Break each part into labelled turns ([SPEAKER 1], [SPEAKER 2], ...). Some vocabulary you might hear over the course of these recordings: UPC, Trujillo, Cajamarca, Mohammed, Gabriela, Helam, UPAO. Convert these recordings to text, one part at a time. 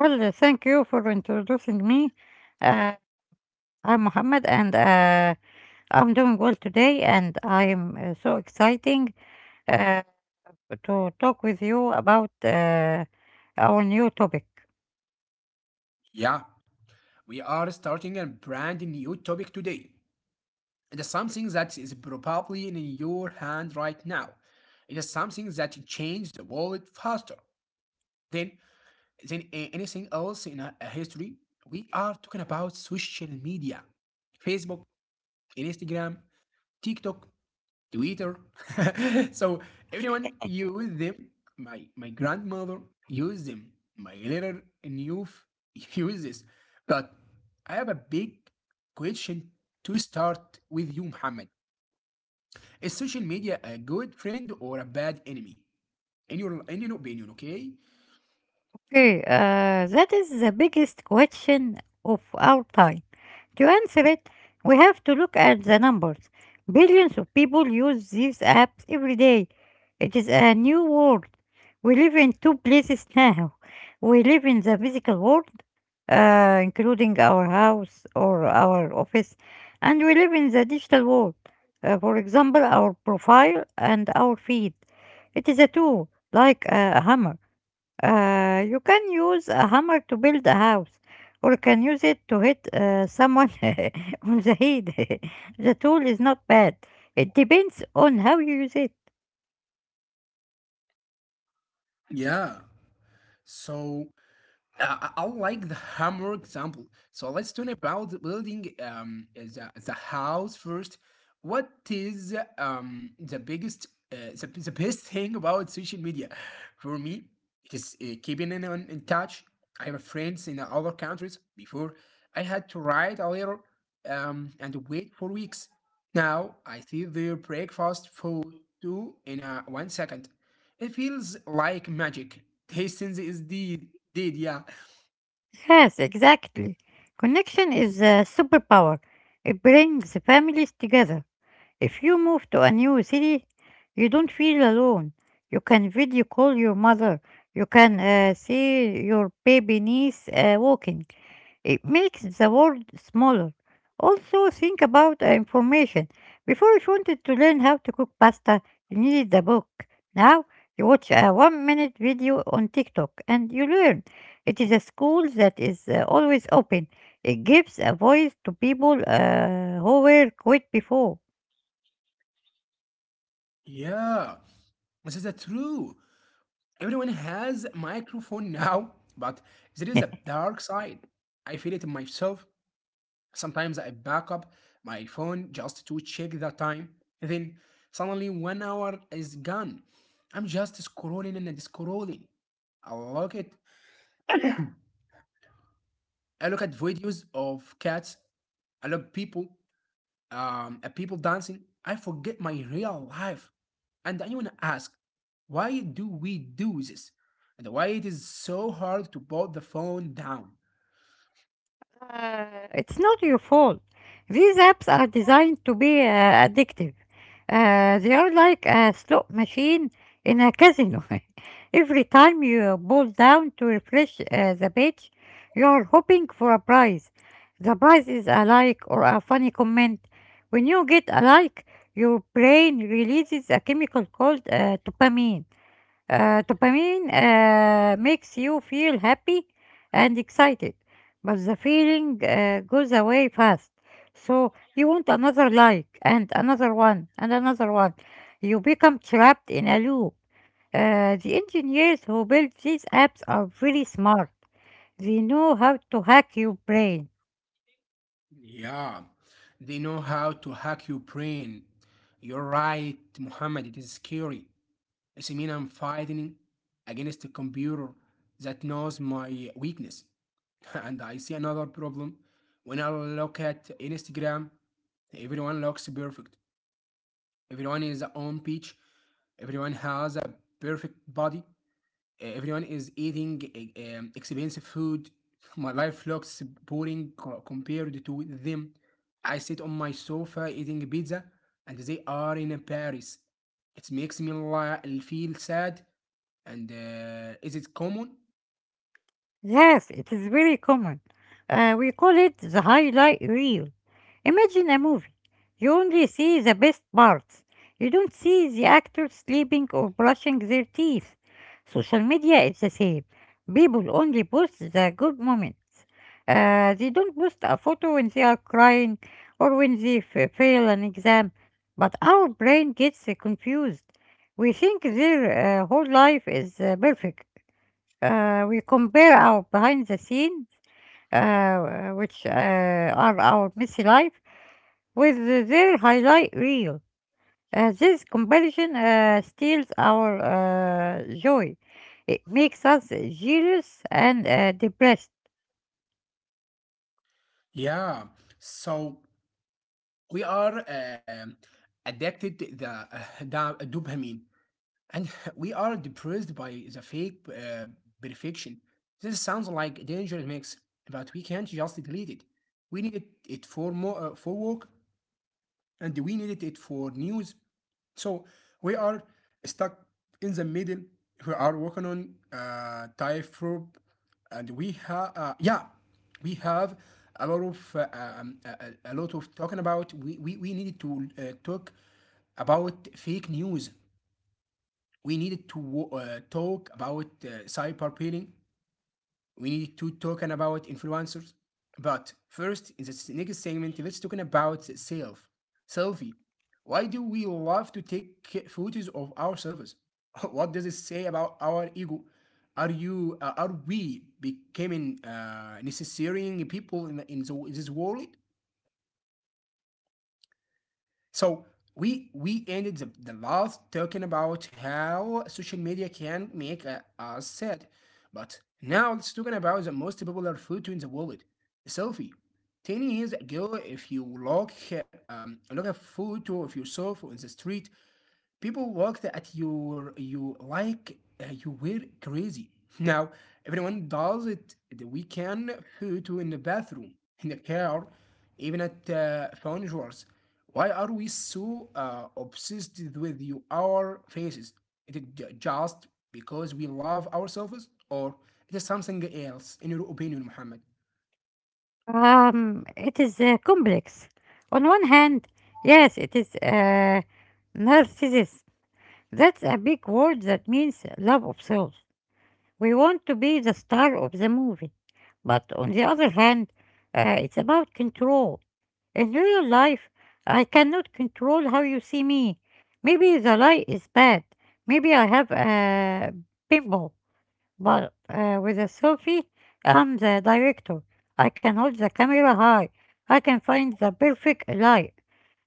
[SPEAKER 1] Well, thank you for introducing me. Uh, I'm Mohammed, and I'm doing well today, and I am so exciting uh, to talk with you about our new topic. Okay, that is the biggest question of our time. To answer it, we have to look at the numbers. Billions of people use these apps every day. It is a new world. We live in two places now. We live in the physical world, including our house or our office, and we live in the digital world. For example, our profile and our feed. It is a tool, like a hammer. You can use a hammer to build a house, or can use it to hit someone on the head. The tool is not bad. It depends on how you use it. Yes, exactly. Connection is a superpower. It brings families together. If you move to a new city, you don't feel alone. You can video call your mother. You can see your baby niece walking. It makes the world smaller. Also, think about information. Before you wanted to learn how to cook pasta, you needed a book. Now, you watch a 1 minute video on TikTok and you learn. It is a school that is always open. It gives a voice to people who were quit before. It's not your fault. These apps are designed to be addictive. They are like a slot machine in a casino. Every time you pull down to refresh the page, you are hoping for a prize. The prize is a like or a funny comment. When you get a like, your brain releases a chemical called dopamine. Dopamine makes you feel happy and excited, but the feeling goes away fast. So you want another like and another one and another one. You become trapped in a loop. The engineers who build these apps are very smart. They know how to hack your brain. Yes, it is very common. We call it the highlight reel. Imagine a movie. You only see the best parts. You don't see the actors sleeping or brushing their teeth. Social media is the same. People only post the good moments. They don't post a photo when they are crying or when they fail an exam. But our brain gets confused. We think their whole life is perfect. We compare our behind the scenes, which are our messy life, with their highlight reel. This comparison steals our joy. It makes us jealous and depressed. It is complex. On one hand, yes, it is narcissism. That's a big word that means love of self. We want to be the star of the movie. But on the other hand, it's about control. In real life, I cannot control how you see me. Maybe the light is bad. Maybe I have a pimple. But with a selfie, I'm the director. I can hold the camera high. I can find the perfect light.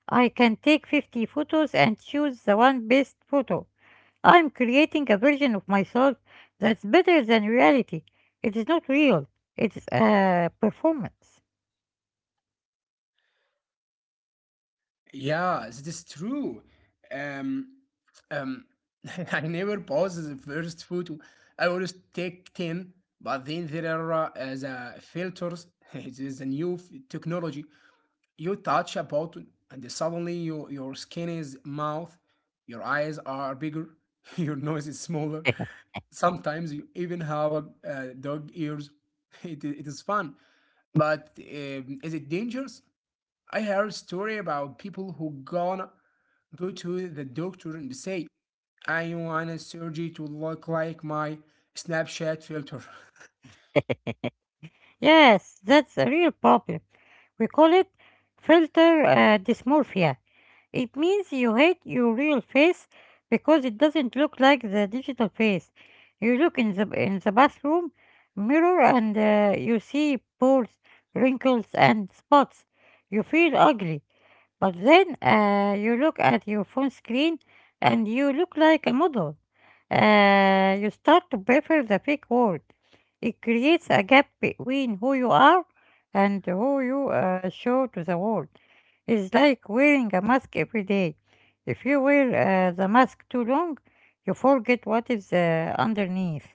[SPEAKER 1] I can take 50 photos and choose the one best photo. I'm creating a version of myself that's better than reality. It is not real, it's a performance. Yes, that's a real problem. We call it filter dysmorphia. It means you hate your real face because it doesn't look like the digital face. You look in the bathroom mirror and you see pores, wrinkles, and spots. You feel ugly. But then you look at your phone screen and you look like a model. You start to prefer the fake world. It creates a gap between who you are and who you show to the world. It's like wearing a mask every day. If you wear the mask too long, you forget what is underneath.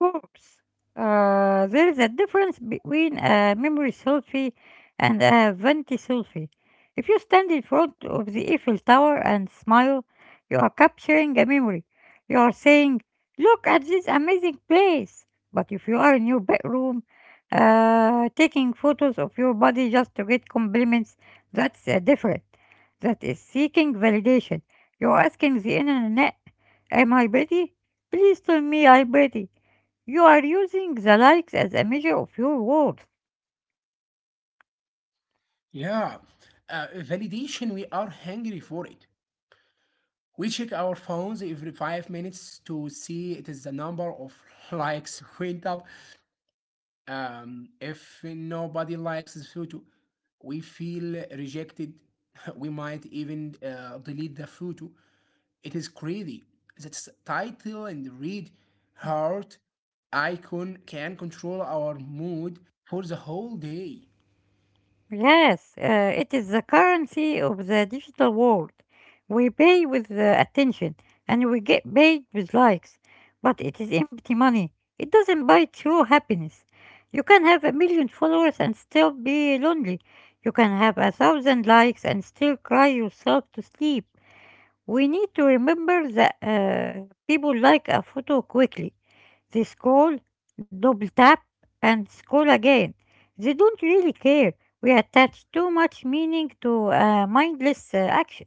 [SPEAKER 1] Of course, there is a difference between a memory selfie and a vanity selfie. If you stand in front of the Eiffel Tower and smile, you are capturing a memory. You are saying, "Look at this amazing place." But if you are in your bedroom, taking photos of your body just to get compliments, that's different. That is seeking validation. You're asking the internet, "Am I pretty? Please tell me I'm pretty." You are using the likes as a measure of your worth. Yes, it is the currency of the digital world. We pay with attention and we get paid with likes, but it is empty money. It doesn't buy true happiness. You can have 1 million followers and still be lonely. You can have 1,000 likes and still cry yourself to sleep. We need to remember that people like a photo quickly. They scroll, double tap, and scroll again. They don't really care. We attach too much meaning to mindless action.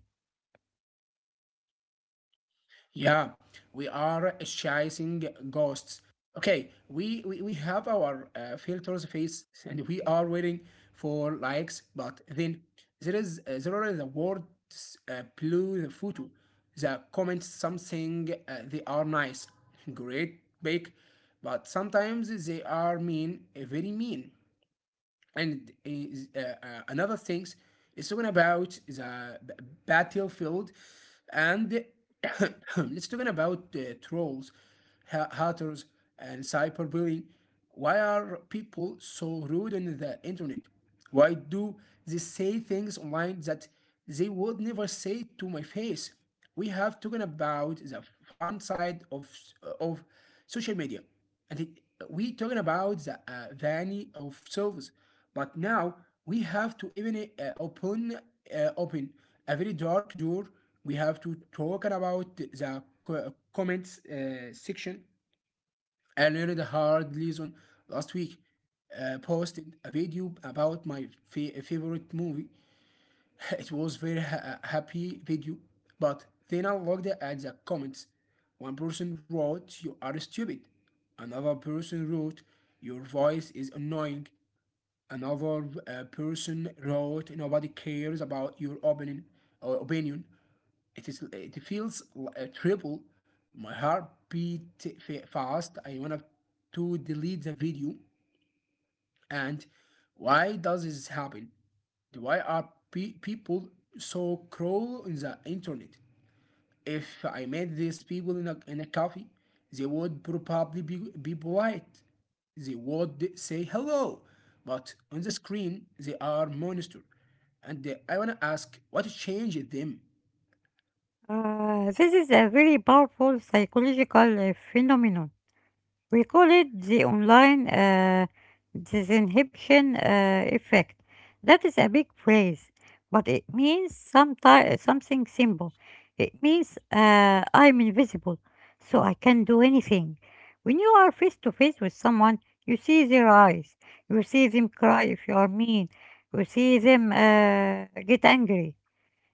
[SPEAKER 1] This is a very powerful psychological phenomenon. We call it the online disinhibition effect. That is a big phrase, but it means something simple. It means I'm invisible, so I can do anything. When you are face to face with someone, you see their eyes, you see them cry if you are mean, you see them get angry.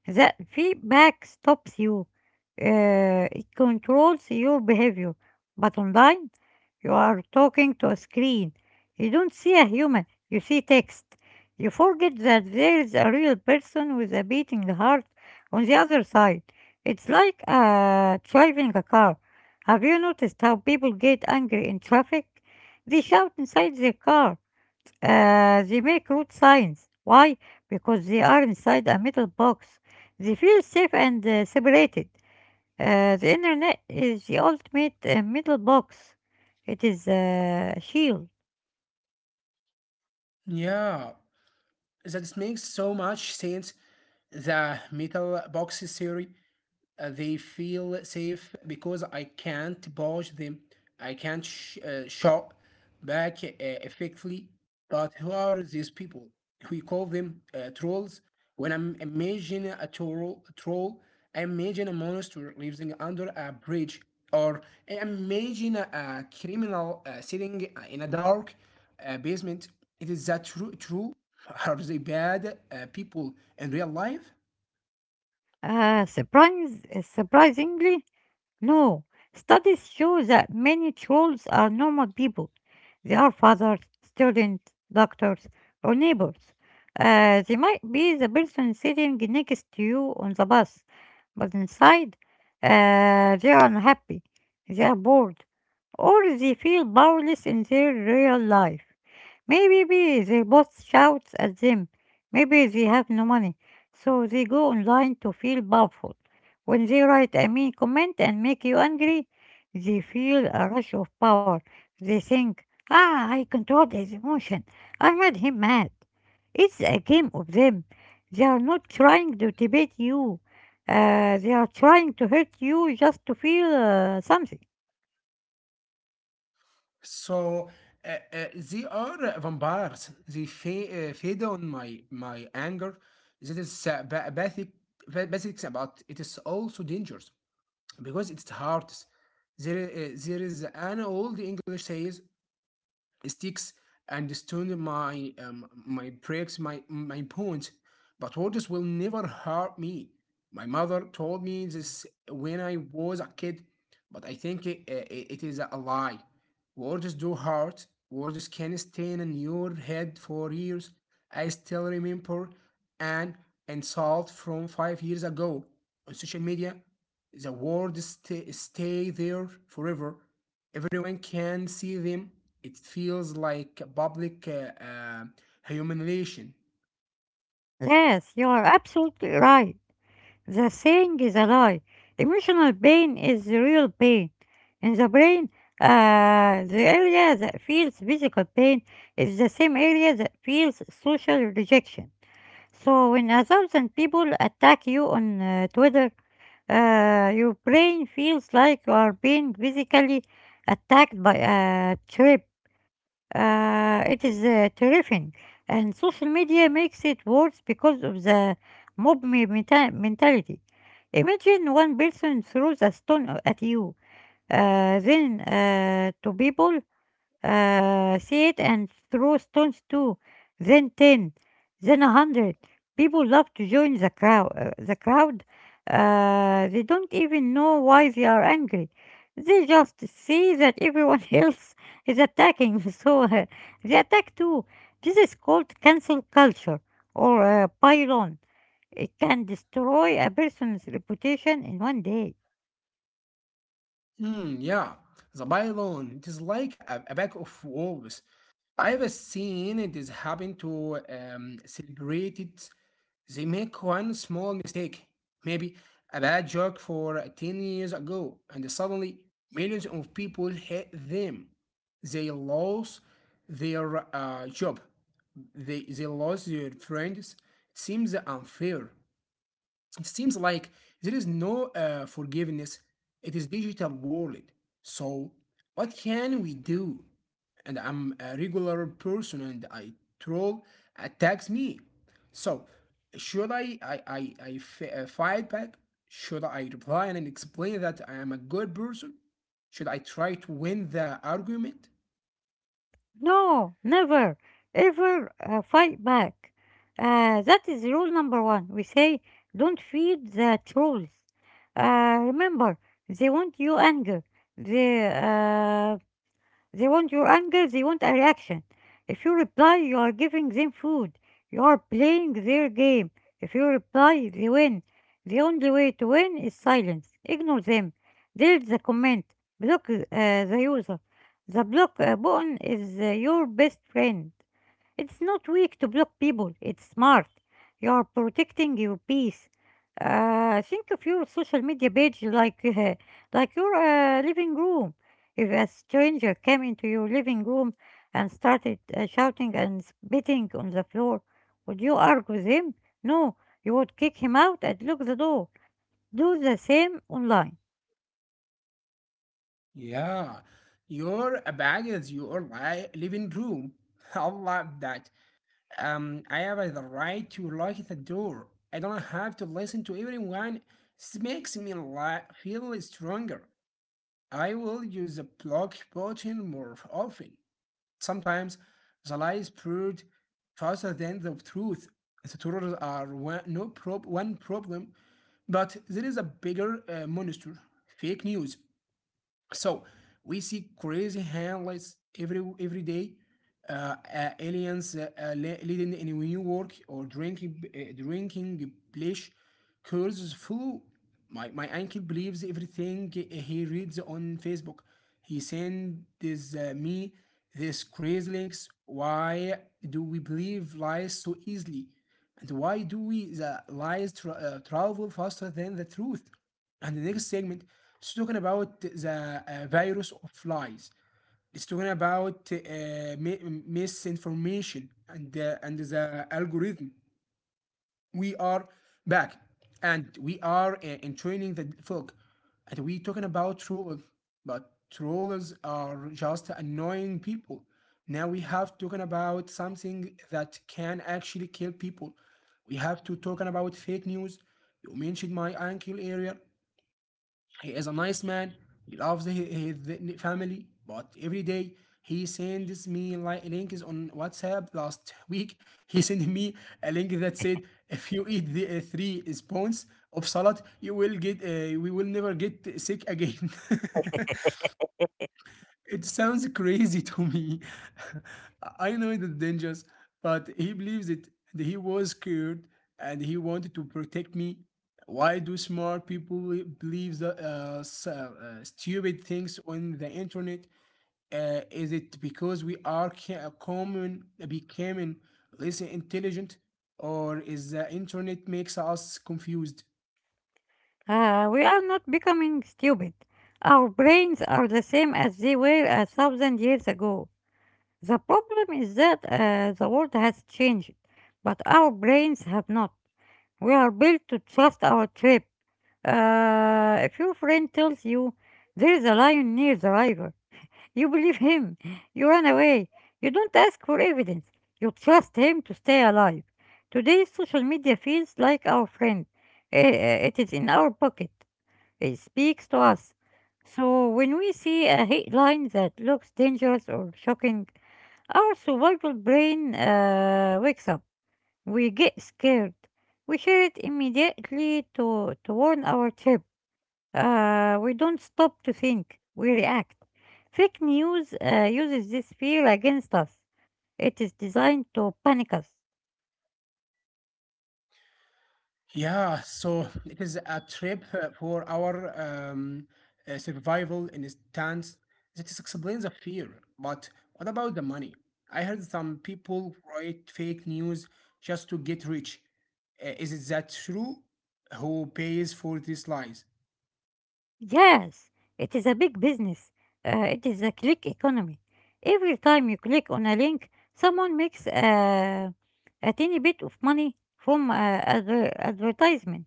[SPEAKER 1] That feedback stops you, it controls your behavior. But online, you are talking to a screen. You don't see a human, you see text. You forget that there is a real person with a beating heart on the other side. It's like driving a car. Have you noticed how people get angry in traffic? They shout inside their car. They make rude signs. Why? Because they are inside a metal box. They feel safe and separated. The internet is the ultimate middle box. It is a shield. Surprisingly, no. Studies show that many trolls are normal people. They are fathers, students, doctors, or neighbors. They might be the person sitting next to you on the bus. But inside they are unhappy, they are bored, or they feel powerless in their real life. Maybe their boss shouts at them. Maybe they have no money. So they go online to feel powerful. When they write a mean comment and make you angry, they feel a rush of power. They think, "Ah, I controlled his emotion. I made him mad." It's a game of them. They are not trying to debate you. They are trying to hurt you just to feel something. Yes, you are absolutely right. The saying is a lie. Emotional pain is the real pain. In the brain, the area that feels physical pain is the same area that feels social rejection. So when a thousand people attack you on Twitter, your brain feels like you are being physically attacked by a trip. It is terrifying, and social media makes it worse because of the mob mentality. Imagine one person throws a stone at you, then two people see it and throw stones too. Then 10, then 100. People love to join the crowd. They don't even know why they are angry. They just see that everyone else is attacking, so they attack too. This is called cancel culture or pylon. It can destroy a person's reputation in 1 day. No, never, ever fight back. That is rule number one. We say, "Don't feed the trolls." Remember, they want you anger. They uh, they want your anger, they want a reaction. If you reply, you are giving them food. You are playing their game. If you reply, they win. The only way to win is silence. Ignore them. Delete the comment. Block the user. The block button is your best friend. It's not weak to block people, it's smart. You are protecting your peace. Think of your social media page like like your living room. If a stranger came into your living room and started shouting and spitting on the floor, would you argue with him? No, you would kick him out and lock the door. Do the same online. We are not becoming stupid. Our brains are the same as they were 1,000 years ago. The problem is that the world has changed, but our brains have not. We are built to trust our trip. If your friend tells you there is a lion near the river, you believe him. You run away. You don't ask for evidence. You trust him to stay alive. Today, social media feels like our friend. It is in our pocket. It speaks to us. So when we see a headline that looks dangerous or shocking, our survival brain wakes up. We get scared. We share it immediately to warn our chip. We don't stop to think. We react. Fake news uses this fear against us. It is designed to panic us. Yes, it is a big business. It is a click economy. Every time you click on a link, someone makes a tiny bit of money from advertisement.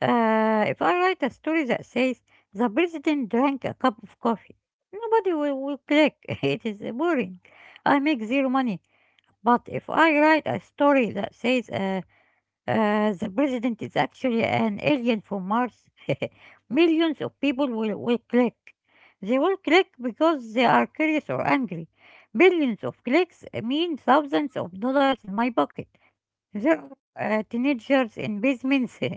[SPEAKER 1] If I write a story that says the president drank a cup of coffee, nobody will click. It is boring. I make zero money. But if I write a story that says the president is actually an alien from Mars, millions of people will click. They will click because they are curious or angry. Billions of clicks mean thousands of dollars in my pocket. There are teenagers in basements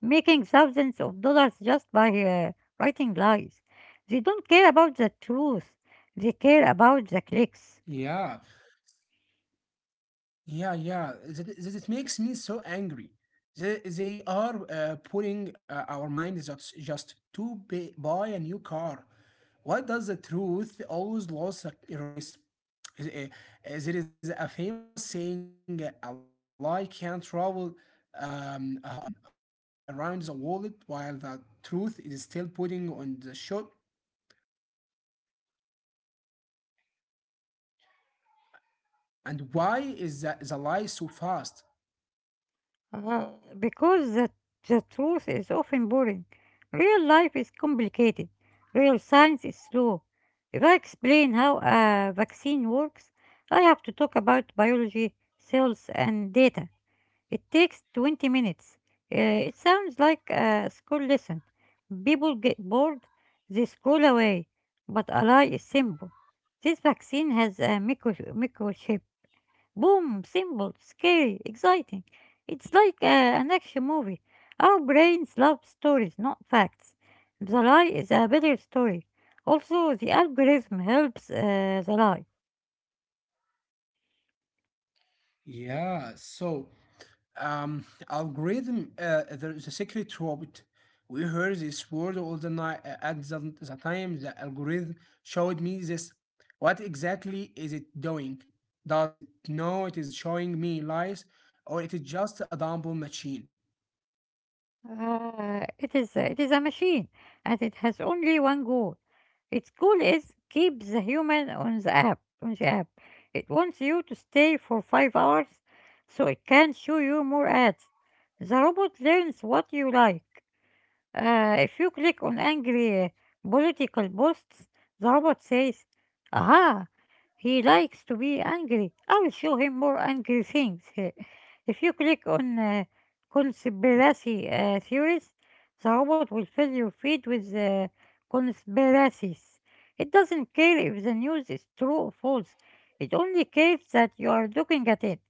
[SPEAKER 1] making thousands of dollars just by writing lies. They don't care about the truth, they care about the clicks. Uh, because the truth is often boring. Real life is complicated, real science is slow. If I explain how a vaccine works, I have to talk about biology, cells, and data. It takes 20 minutes. It sounds like a school lesson. People get bored, they scroll away. But a lie is simple. This vaccine has a microchip. Boom, simple, scary, exciting. It's like an action movie. Our brains love stories, not facts. The lie is a better story. Also, the algorithm helps the lie. It is a machine, and it has only one goal. Its goal is keep the human on the app. On the app, it wants you to stay for 5 hours, so it can show you more ads. The robot learns what you like. If you click on angry political posts, the robot says, "Aha! He likes to be angry. I'll show him more angry things. If you click on conspiracy theories, the robot will fill your feed with conspiracies. It doesn't care if the news is true or false. It only cares that you are looking at it.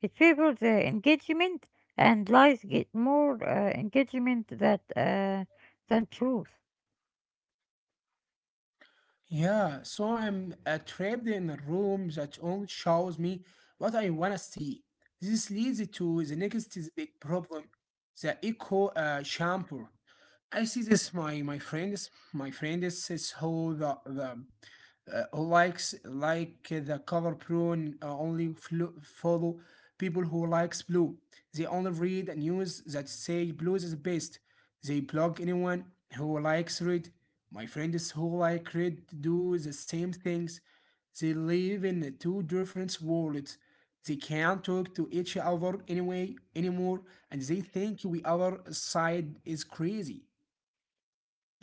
[SPEAKER 1] It favors engagement, and lies get more engagement than truth.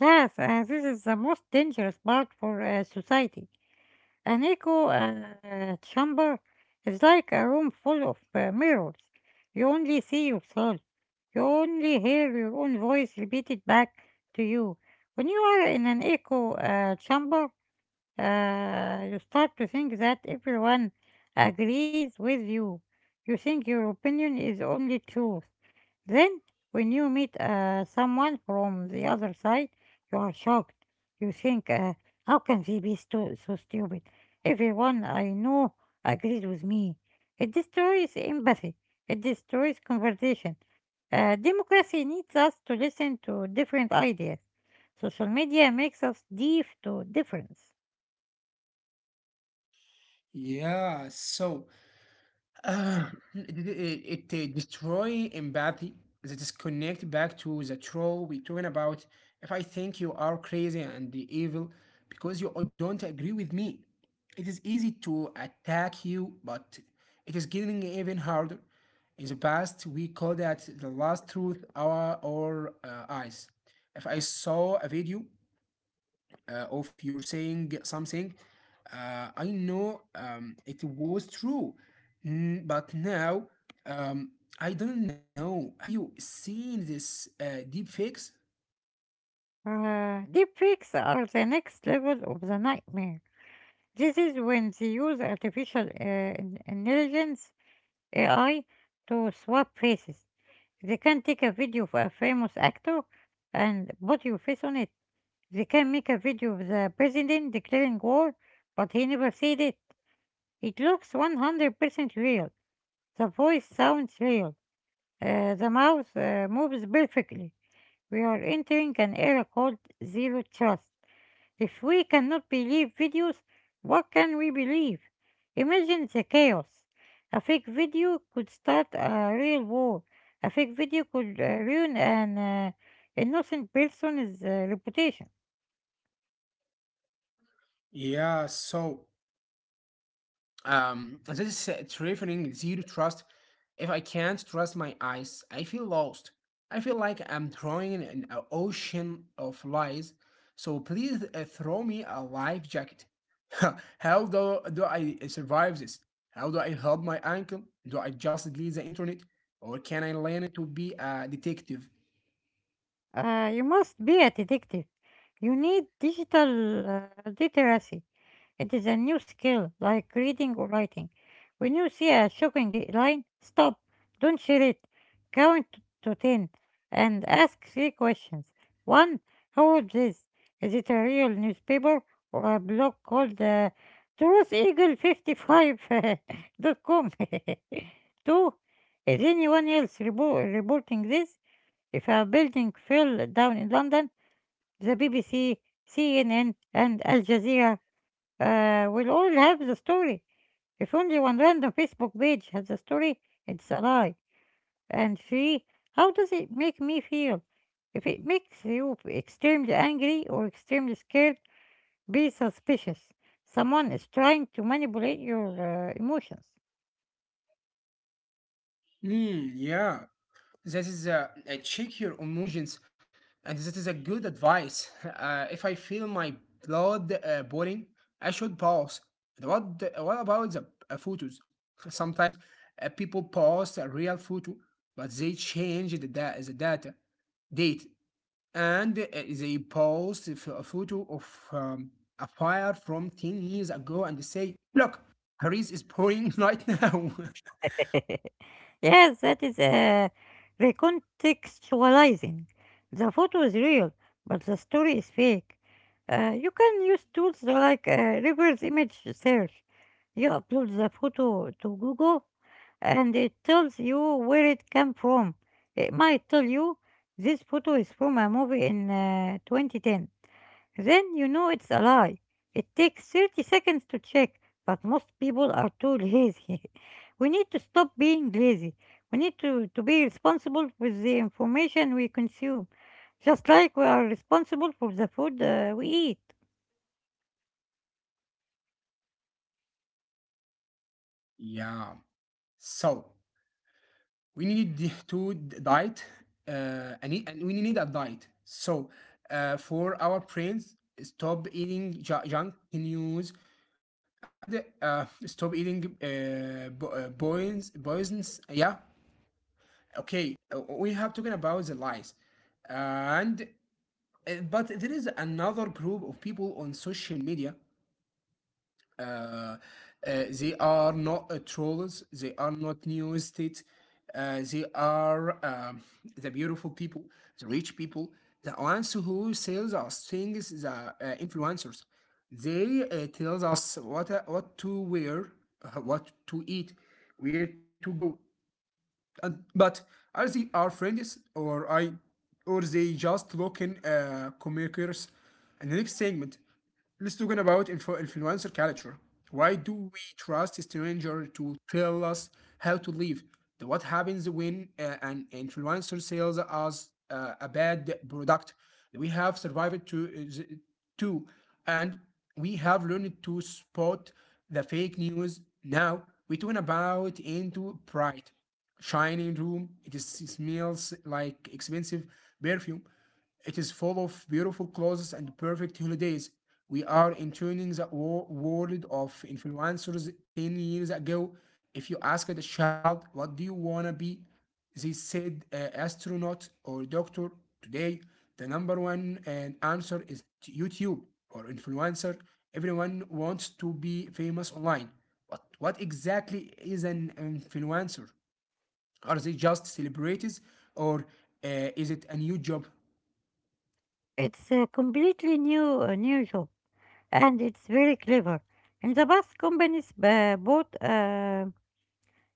[SPEAKER 1] Yes, this is the most dangerous part for society. An echo chamber is like a room full of mirrors. You only see yourself. You only hear your own voice repeated back to you. When you are in an echo chamber, you start to think that everyone agrees with you. You think your opinion is only truth. Then, when you meet someone from the other side, you are shocked. You think, how can they be so stupid? Everyone I know agrees with me. It destroys empathy, it destroys conversation. Democracy needs us to listen to different ideas. Social media makes us deaf to difference. Deepfakes are the next level of the nightmare. This is when they use artificial intelligence, AI, to swap faces. They can take a video of a famous actor and put your face on it. They can make a video of the president declaring war, but he never said it. It looks 100% real. The voice sounds real. The mouse moves perfectly. We are entering an era called zero trust. If we cannot believe videos, what can we believe? Imagine the chaos. A fake video could start a real war. A fake video could ruin an innocent person's reputation. You must be a detective. You need digital literacy. It is a new skill, like reading or writing. When you see a shocking line, stop, don't share it. Count to 10 and ask three questions. 1. How old this? Is it a real newspaper or a blog called trutheagle55.com? 2. Is anyone else reporting this? If a building fell down in London, the BBC, CNN, and Al Jazeera we'll all have the story. If only one random Facebook page has the story, it's a lie. And three, how does it make me feel? If it makes you extremely angry or extremely scared, be suspicious. Someone is trying to manipulate your emotions. Yes, that is recontextualizing. The photo is real, but the story is fake. You can use tools like reverse image search. You upload the photo to Google and it tells you where it came from. It might tell you this photo is from a movie in 2010. Then you know it's a lie. It takes 30 seconds to check, but most people are too lazy. We need to stop being lazy. We need to be responsible with the information we consume, just like we are responsible for the food we eat. It's a completely new job, and it's very clever. In the past, companies bought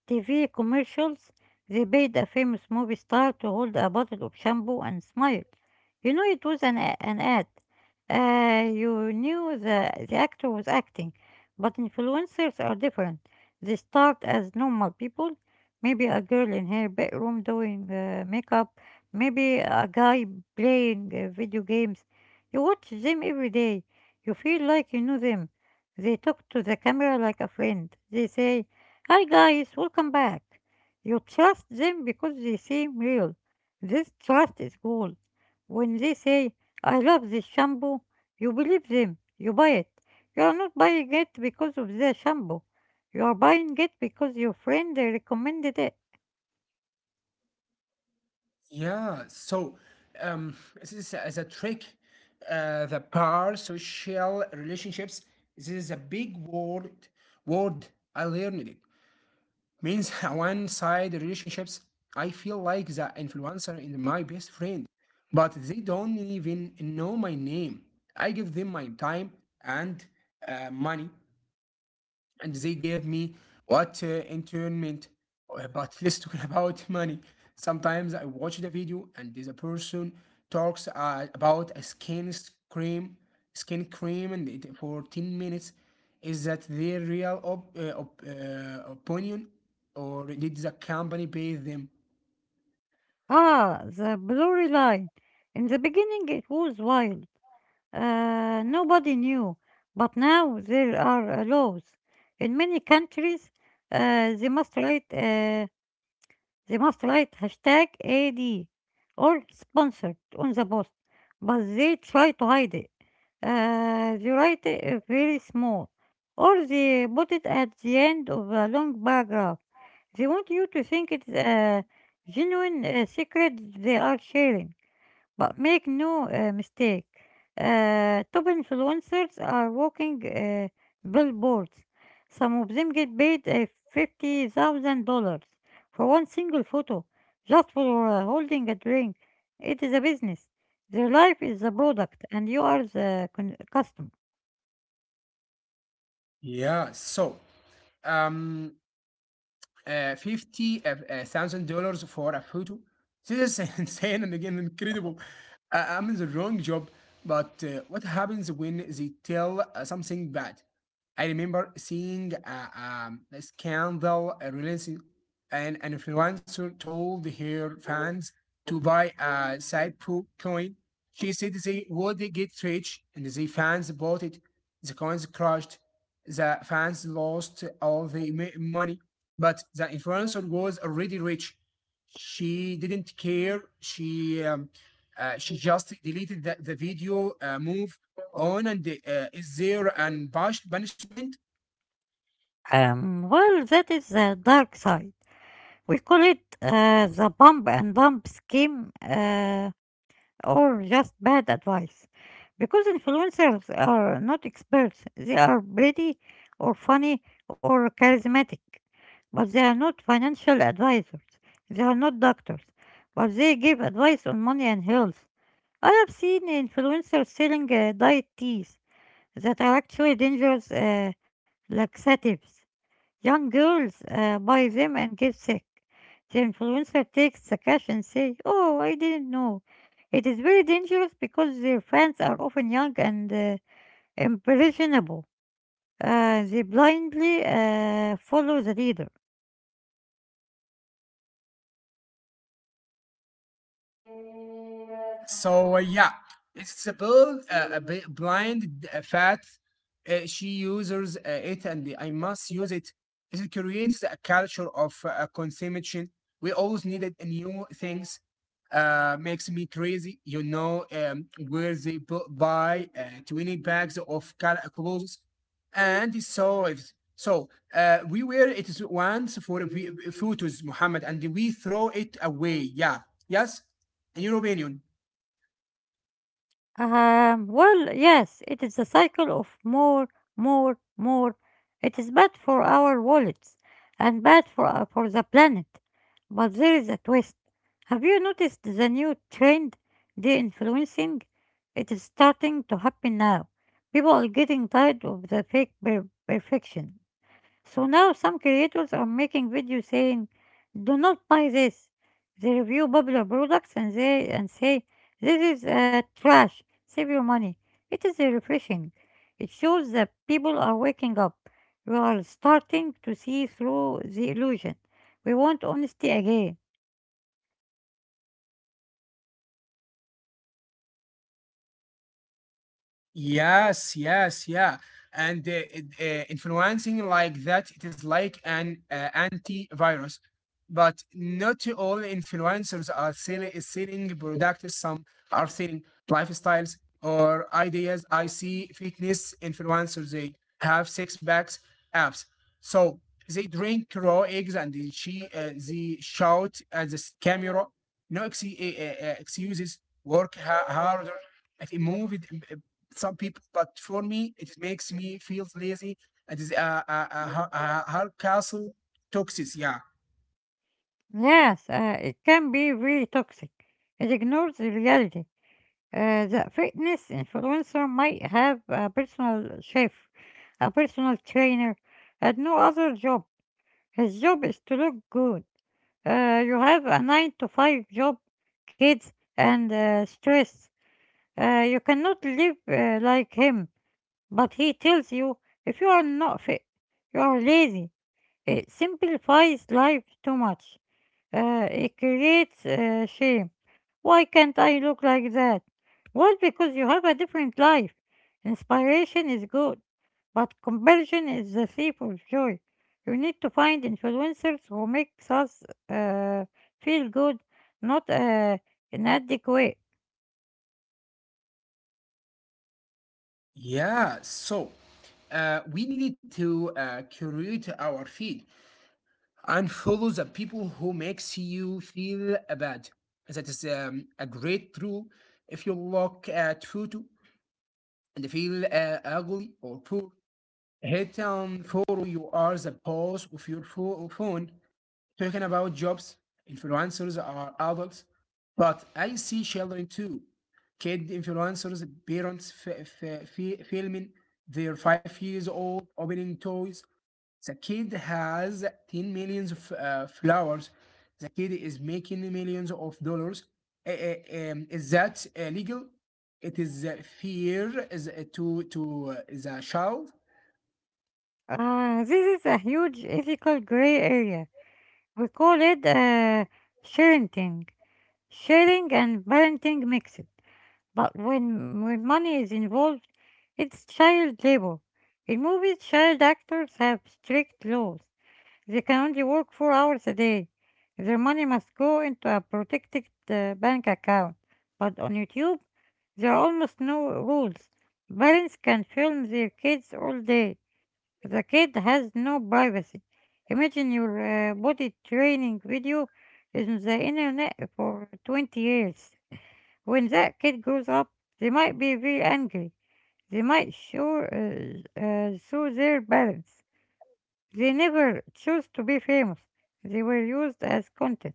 [SPEAKER 1] TV commercials, they paid a famous movie star to hold a bottle of shampoo and smile. You know, it was an ad. You knew the actor was acting, but influencers are different. They start as normal people, maybe a girl in her bedroom doing makeup, maybe a guy playing video games. You watch them every day. You feel like you know them. They talk to the camera like a friend. They say, "Hi guys, welcome back." You trust them because they seem real. This trust is gold. When they say, "I love this shampoo," you believe them, you buy it. You are not buying it because of the shampoo. You are buying it because your friend recommended it. Ah, the blurry line. In the beginning it was wild. Nobody knew. But now there are laws. In many countries, they must write. They must write hashtag AD or sponsored on the post, but they try to hide it. They write it very small, or they put it at the end of a long paragraph. They want you to think it's a genuine secret they are sharing. But make no mistake, top influencers are walking billboards. Some of them get paid $50,000 for one single photo, just for holding a drink. It is a business. Their life is the product, and you are the customer. Well, that is the dark side. We call it the bump and dump scheme. Or just bad advice. Because influencers are not experts, they are pretty or funny or charismatic, but they are not financial advisors. They are not doctors, but they give advice on money and health. I have seen influencers selling diet teas that are actually dangerous laxatives. Young girls buy them and get sick. The influencer takes the cash and says, "Oh, I didn't know." It is very dangerous because their fans are often young and impressionable. They blindly follow the leader. Well, yes, it is a cycle of more, more, more. It is bad for our wallets and bad for the planet. But there is a twist. Have you noticed the new trend, de-influencing? It is starting to happen now. People are getting tired of the fake perfection. So now some creators are making videos saying, "Do not buy this." They review popular products and say, "This is trash. Save your money." It is refreshing. It shows that people are waking up. We are starting to see through the illusion. We want honesty again. Yes, it can be really toxic. It ignores the reality. That fitness influencer might have a personal chef, a personal trainer, and no other job. His job is to look good. You have a 9 to 5 job, kids, and stress. You cannot live like him, but he tells you if you are not fit, you are lazy. It simplifies life too much. It creates shame. Why can't I look like that? Well, because you have a different life. Inspiration is good, but conversion is the thief of joy. You need to find influencers who makes us uh, feel good, not inadequate. This is a huge ethical gray area. We call it sharenting, sharing and parenting mixed. But when money is involved, it's child labor. In movies, child actors have strict laws. They can only work 4 hours a day. Their money must go into a protected bank account. But on YouTube, there are almost no rules. Parents can film their kids all day. The kid has no privacy. Imagine your body training video is on the internet for 20 years. When that kid grows up, they might be very angry. They might show, show their balance. They never chose to be famous. They were used as content.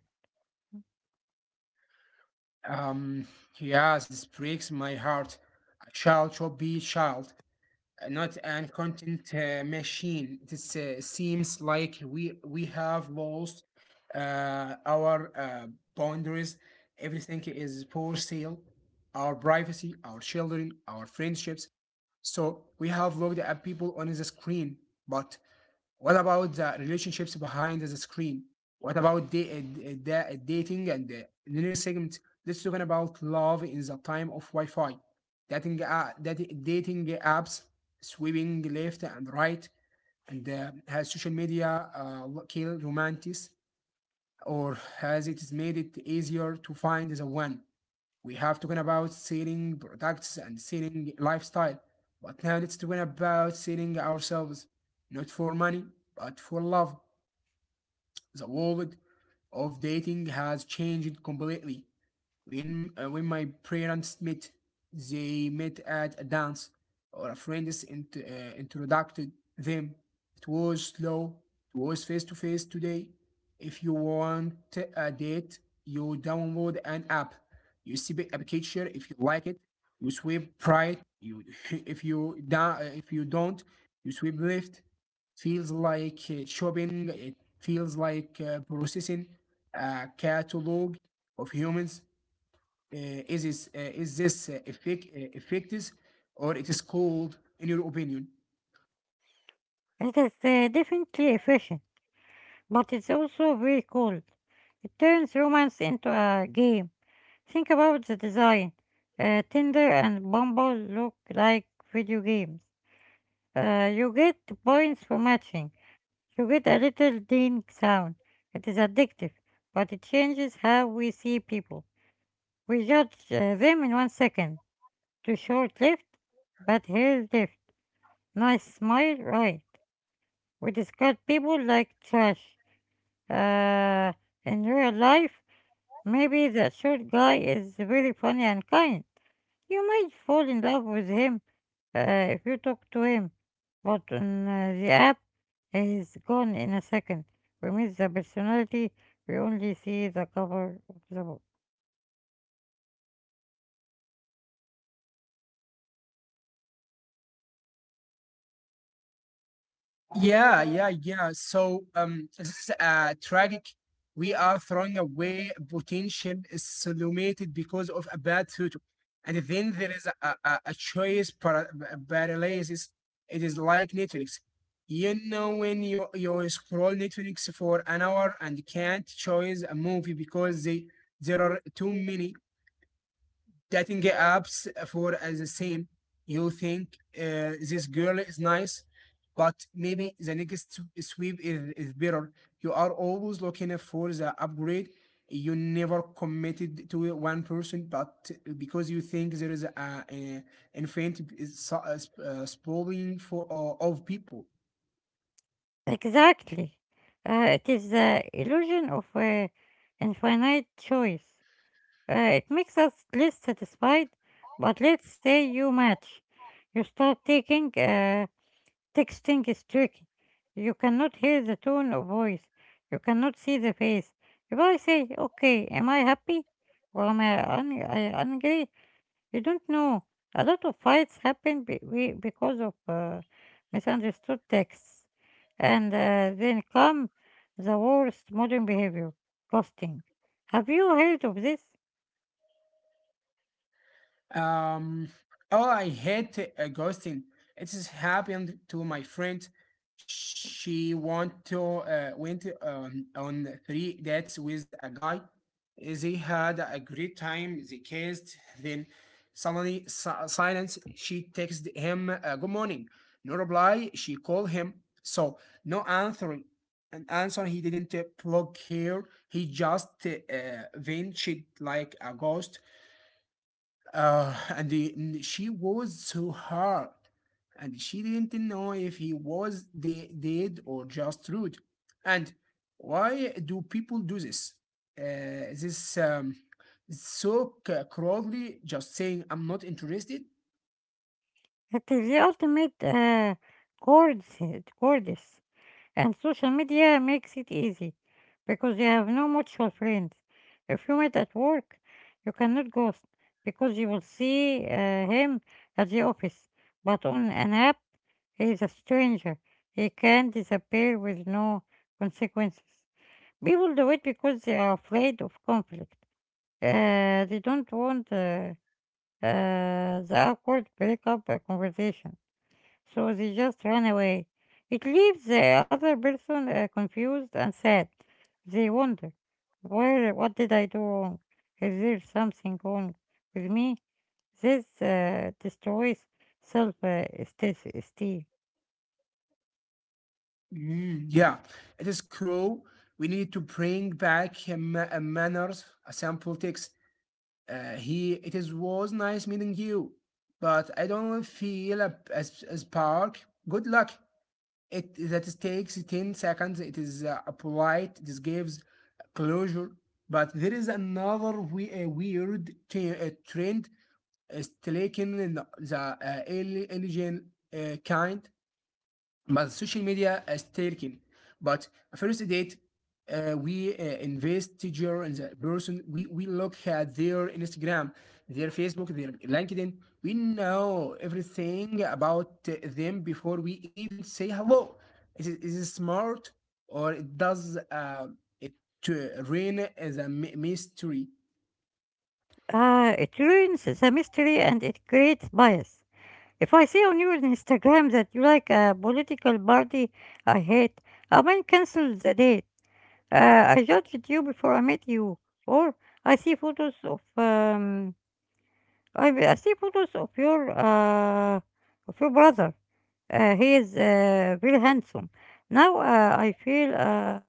[SPEAKER 1] It is definitely efficient, but it's also very cold. It turns romance into a game. Think about the design. Tinder and Bumble look like video games. You get points for matching. You get a little ding sound. It is addictive, but it changes how we see people. We judge them in one second. Too short lived, but hair left. Nice smile, right. We discard people like trash. Uh, in real life, maybe that short guy is really funny and kind. You might fall in love with him. If you talk to him, but on the app, he's gone in a second. We miss the personality, we only see the cover of the book. Exactly. It is the illusion of infinite choice. It makes us less satisfied, but let's say you match. You start taking. Texting is tricky. You cannot hear the tone of voice. You cannot see the face. If I say, okay, am I happy? Or am I I angry? You don't know. A lot of fights happen because of misunderstood texts. And then come the worst modern behavior, ghosting. Have you heard of this? It is the ultimate cords, cords. And social media makes it easy because you have no mutual friends. If you meet at work, you cannot ghost because you will see him at the office. But on an app, he is a stranger. He can disappear with no consequences. People do it because they are afraid of conflict. They don't want the awkward breakup conversation. So they just run away. It leaves the other person confused and sad. They wonder, where, what did I do wrong? Is there something wrong with me? This destroys self-esteem. It ruins the mystery and it creates bias. If I see on your Instagram that you like a political party I hate, I might cancel the date. I judged you before I met you, or I see photos of I see photos of your brother. He is very handsome. Now uh,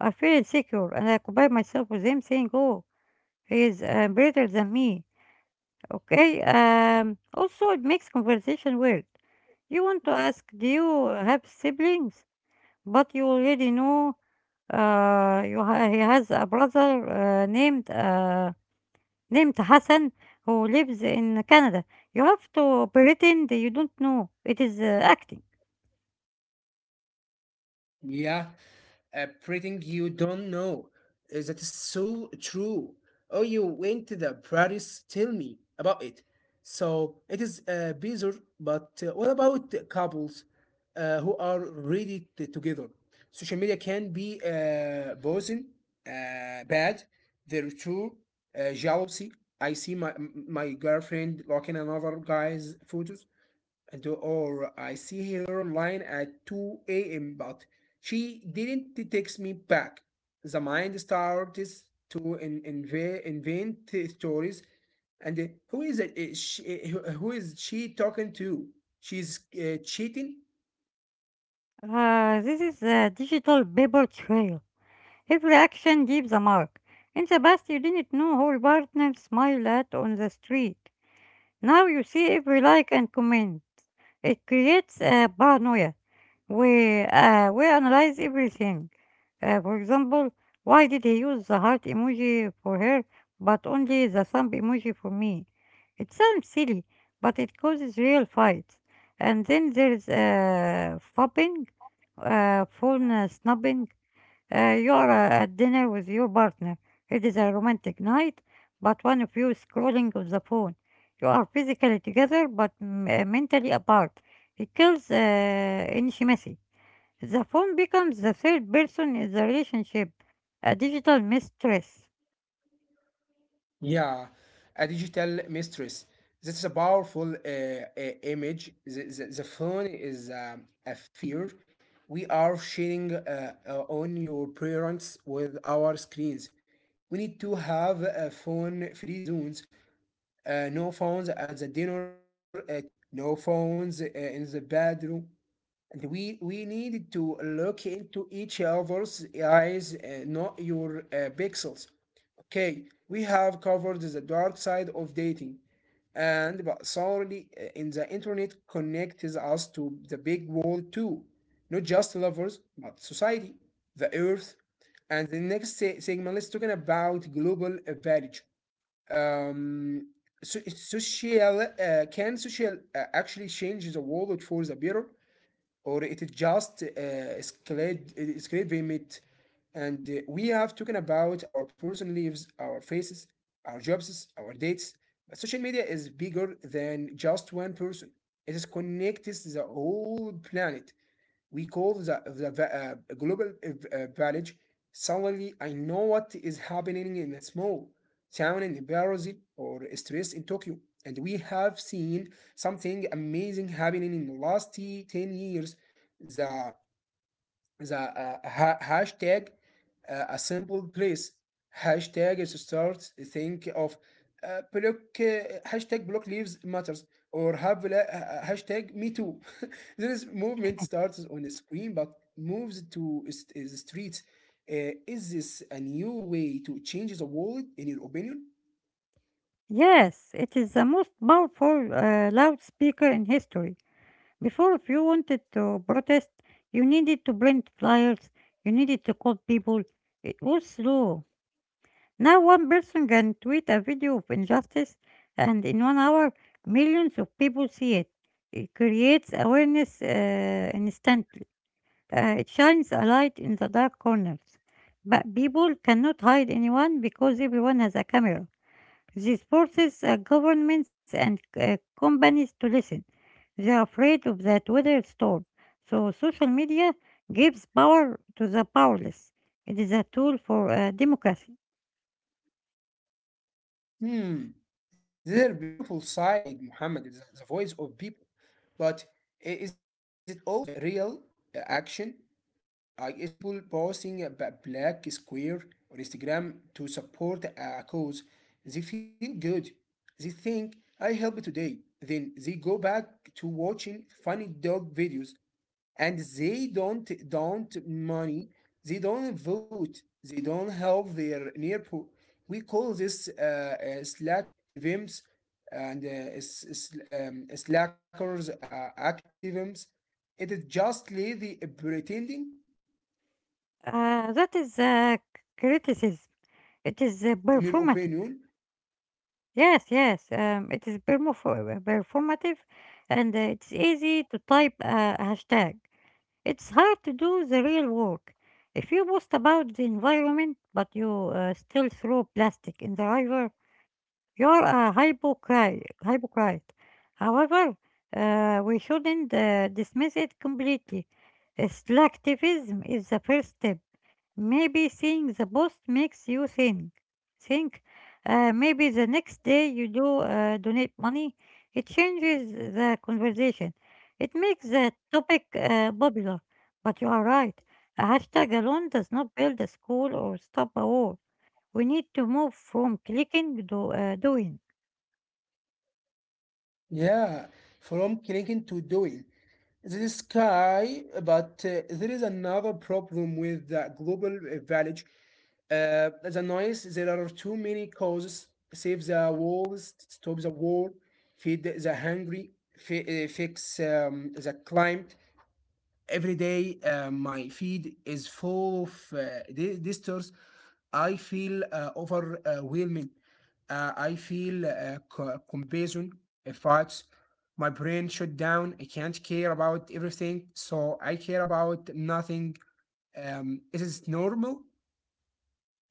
[SPEAKER 1] I feel insecure, and I compare myself with him, saying, "Oh, he is better than me." Okay. Also, it makes conversation weird. You want to ask, do you have siblings? But you already know he has a brother named Hassan who lives in Canada. You have to pretend you don't know. It is acting. This is a digital paper trail. Every action gives a mark. In the past, you didn't know how your partner smiled at on the street. Now you see every like and comment. It creates a paranoia. We analyze everything. For example, why did he use the heart emoji for her but only the thumb emoji for me? It sounds silly, but it causes real fights. And then there's fapping, phone snubbing, you are at dinner with your partner. It is a romantic night, but one of you is scrolling on the phone. You are physically together, but mentally apart. It kills intimacy. The phone becomes the third person in the relationship, a digital mistress. Yes, it is the most powerful loudspeaker in history. Before, if you wanted to protest, you needed to print flyers, you needed to call people. It was slow. Now, one person can tweet a video of injustice, and in 1 hour, millions of people see it. It creates awareness instantly. It shines a light in the dark corners. But people cannot hide anyone because everyone has a camera. This forces governments and companies to listen. They are afraid of that weather storm. So, social media gives power to the powerless. It is a tool for democracy. That is criticism. It is performative. Yes, yes. It is performative, and it's easy to type a hashtag. It's hard to do the real work. If you boast about the environment, but you still throw plastic in the river, you're a hypocrite. However, we shouldn't dismiss it completely. Selectivism is the first step. Maybe seeing the post makes you think. Maybe the next day you do donate money. It changes the conversation. It makes the topic popular. But you are right. A hashtag alone does not build a school or stop a war. We need to move from clicking to doing.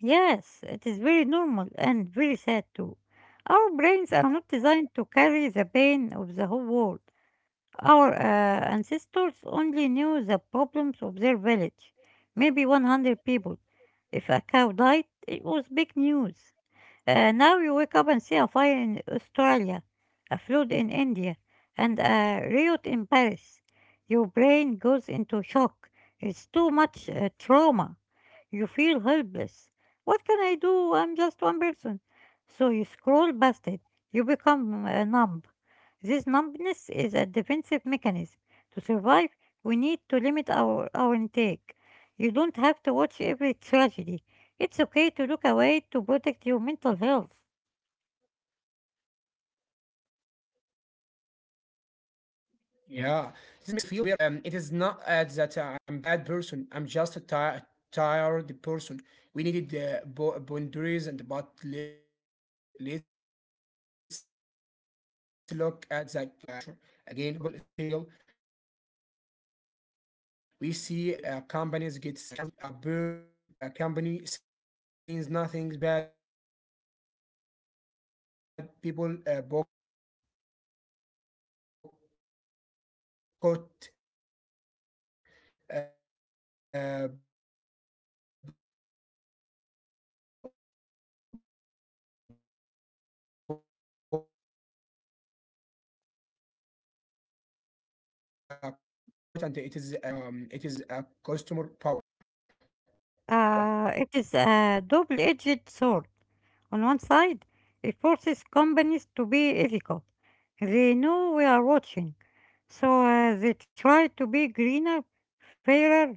[SPEAKER 1] Yes, it is very normal and very sad too. Our brains are not designed to carry the pain of the whole world. Our ancestors only knew the problems of their village, maybe 100 people. If a cow died, it was big news. Now you wake up and see a fire in Australia, a flood in India, and a riot in Paris. Your brain goes into shock. It's too much trauma. You feel helpless. What can I do? I'm just one person. So you scroll past it. You become numb. This numbness is a defensive mechanism. To survive, we need to limit our intake. You don't have to watch every tragedy. It's okay to look away to protect your mental health. It is a double-edged sword. On one side, it forces companies to be ethical. They know we are watching, so they try to be greener, fairer,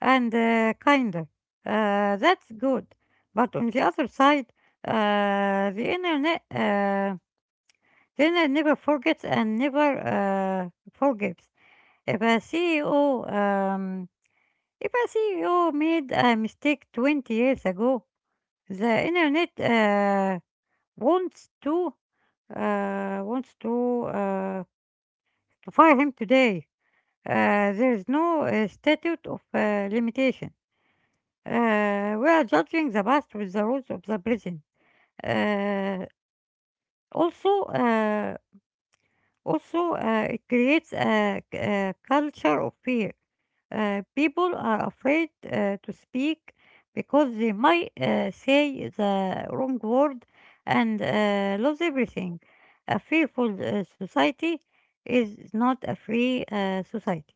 [SPEAKER 1] and kinder. That's good. But on the other side, the internet. Dinner never forgets and never forgives. If a CEO, um, if a CEO made a mistake 20 years ago, the internet wants to wants to fire him today. There is no statute of limitation. We are judging the past with the rules of the present. Uh, also, uh, Also, it creates a culture of fear. People are afraid to speak because they might say the wrong word and lose everything. A fearful society is not a free society.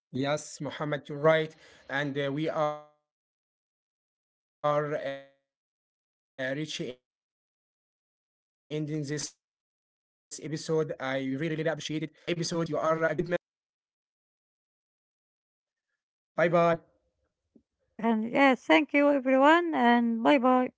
[SPEAKER 2] Yes, Mohammed, you're right. And We are reaching ending this episode. I really, really appreciate it. I want to thank you about this episode. You are a good man. And Yeah, see you in the next episode. Bye bye.
[SPEAKER 1] And yeah, thank you everyone, and bye bye.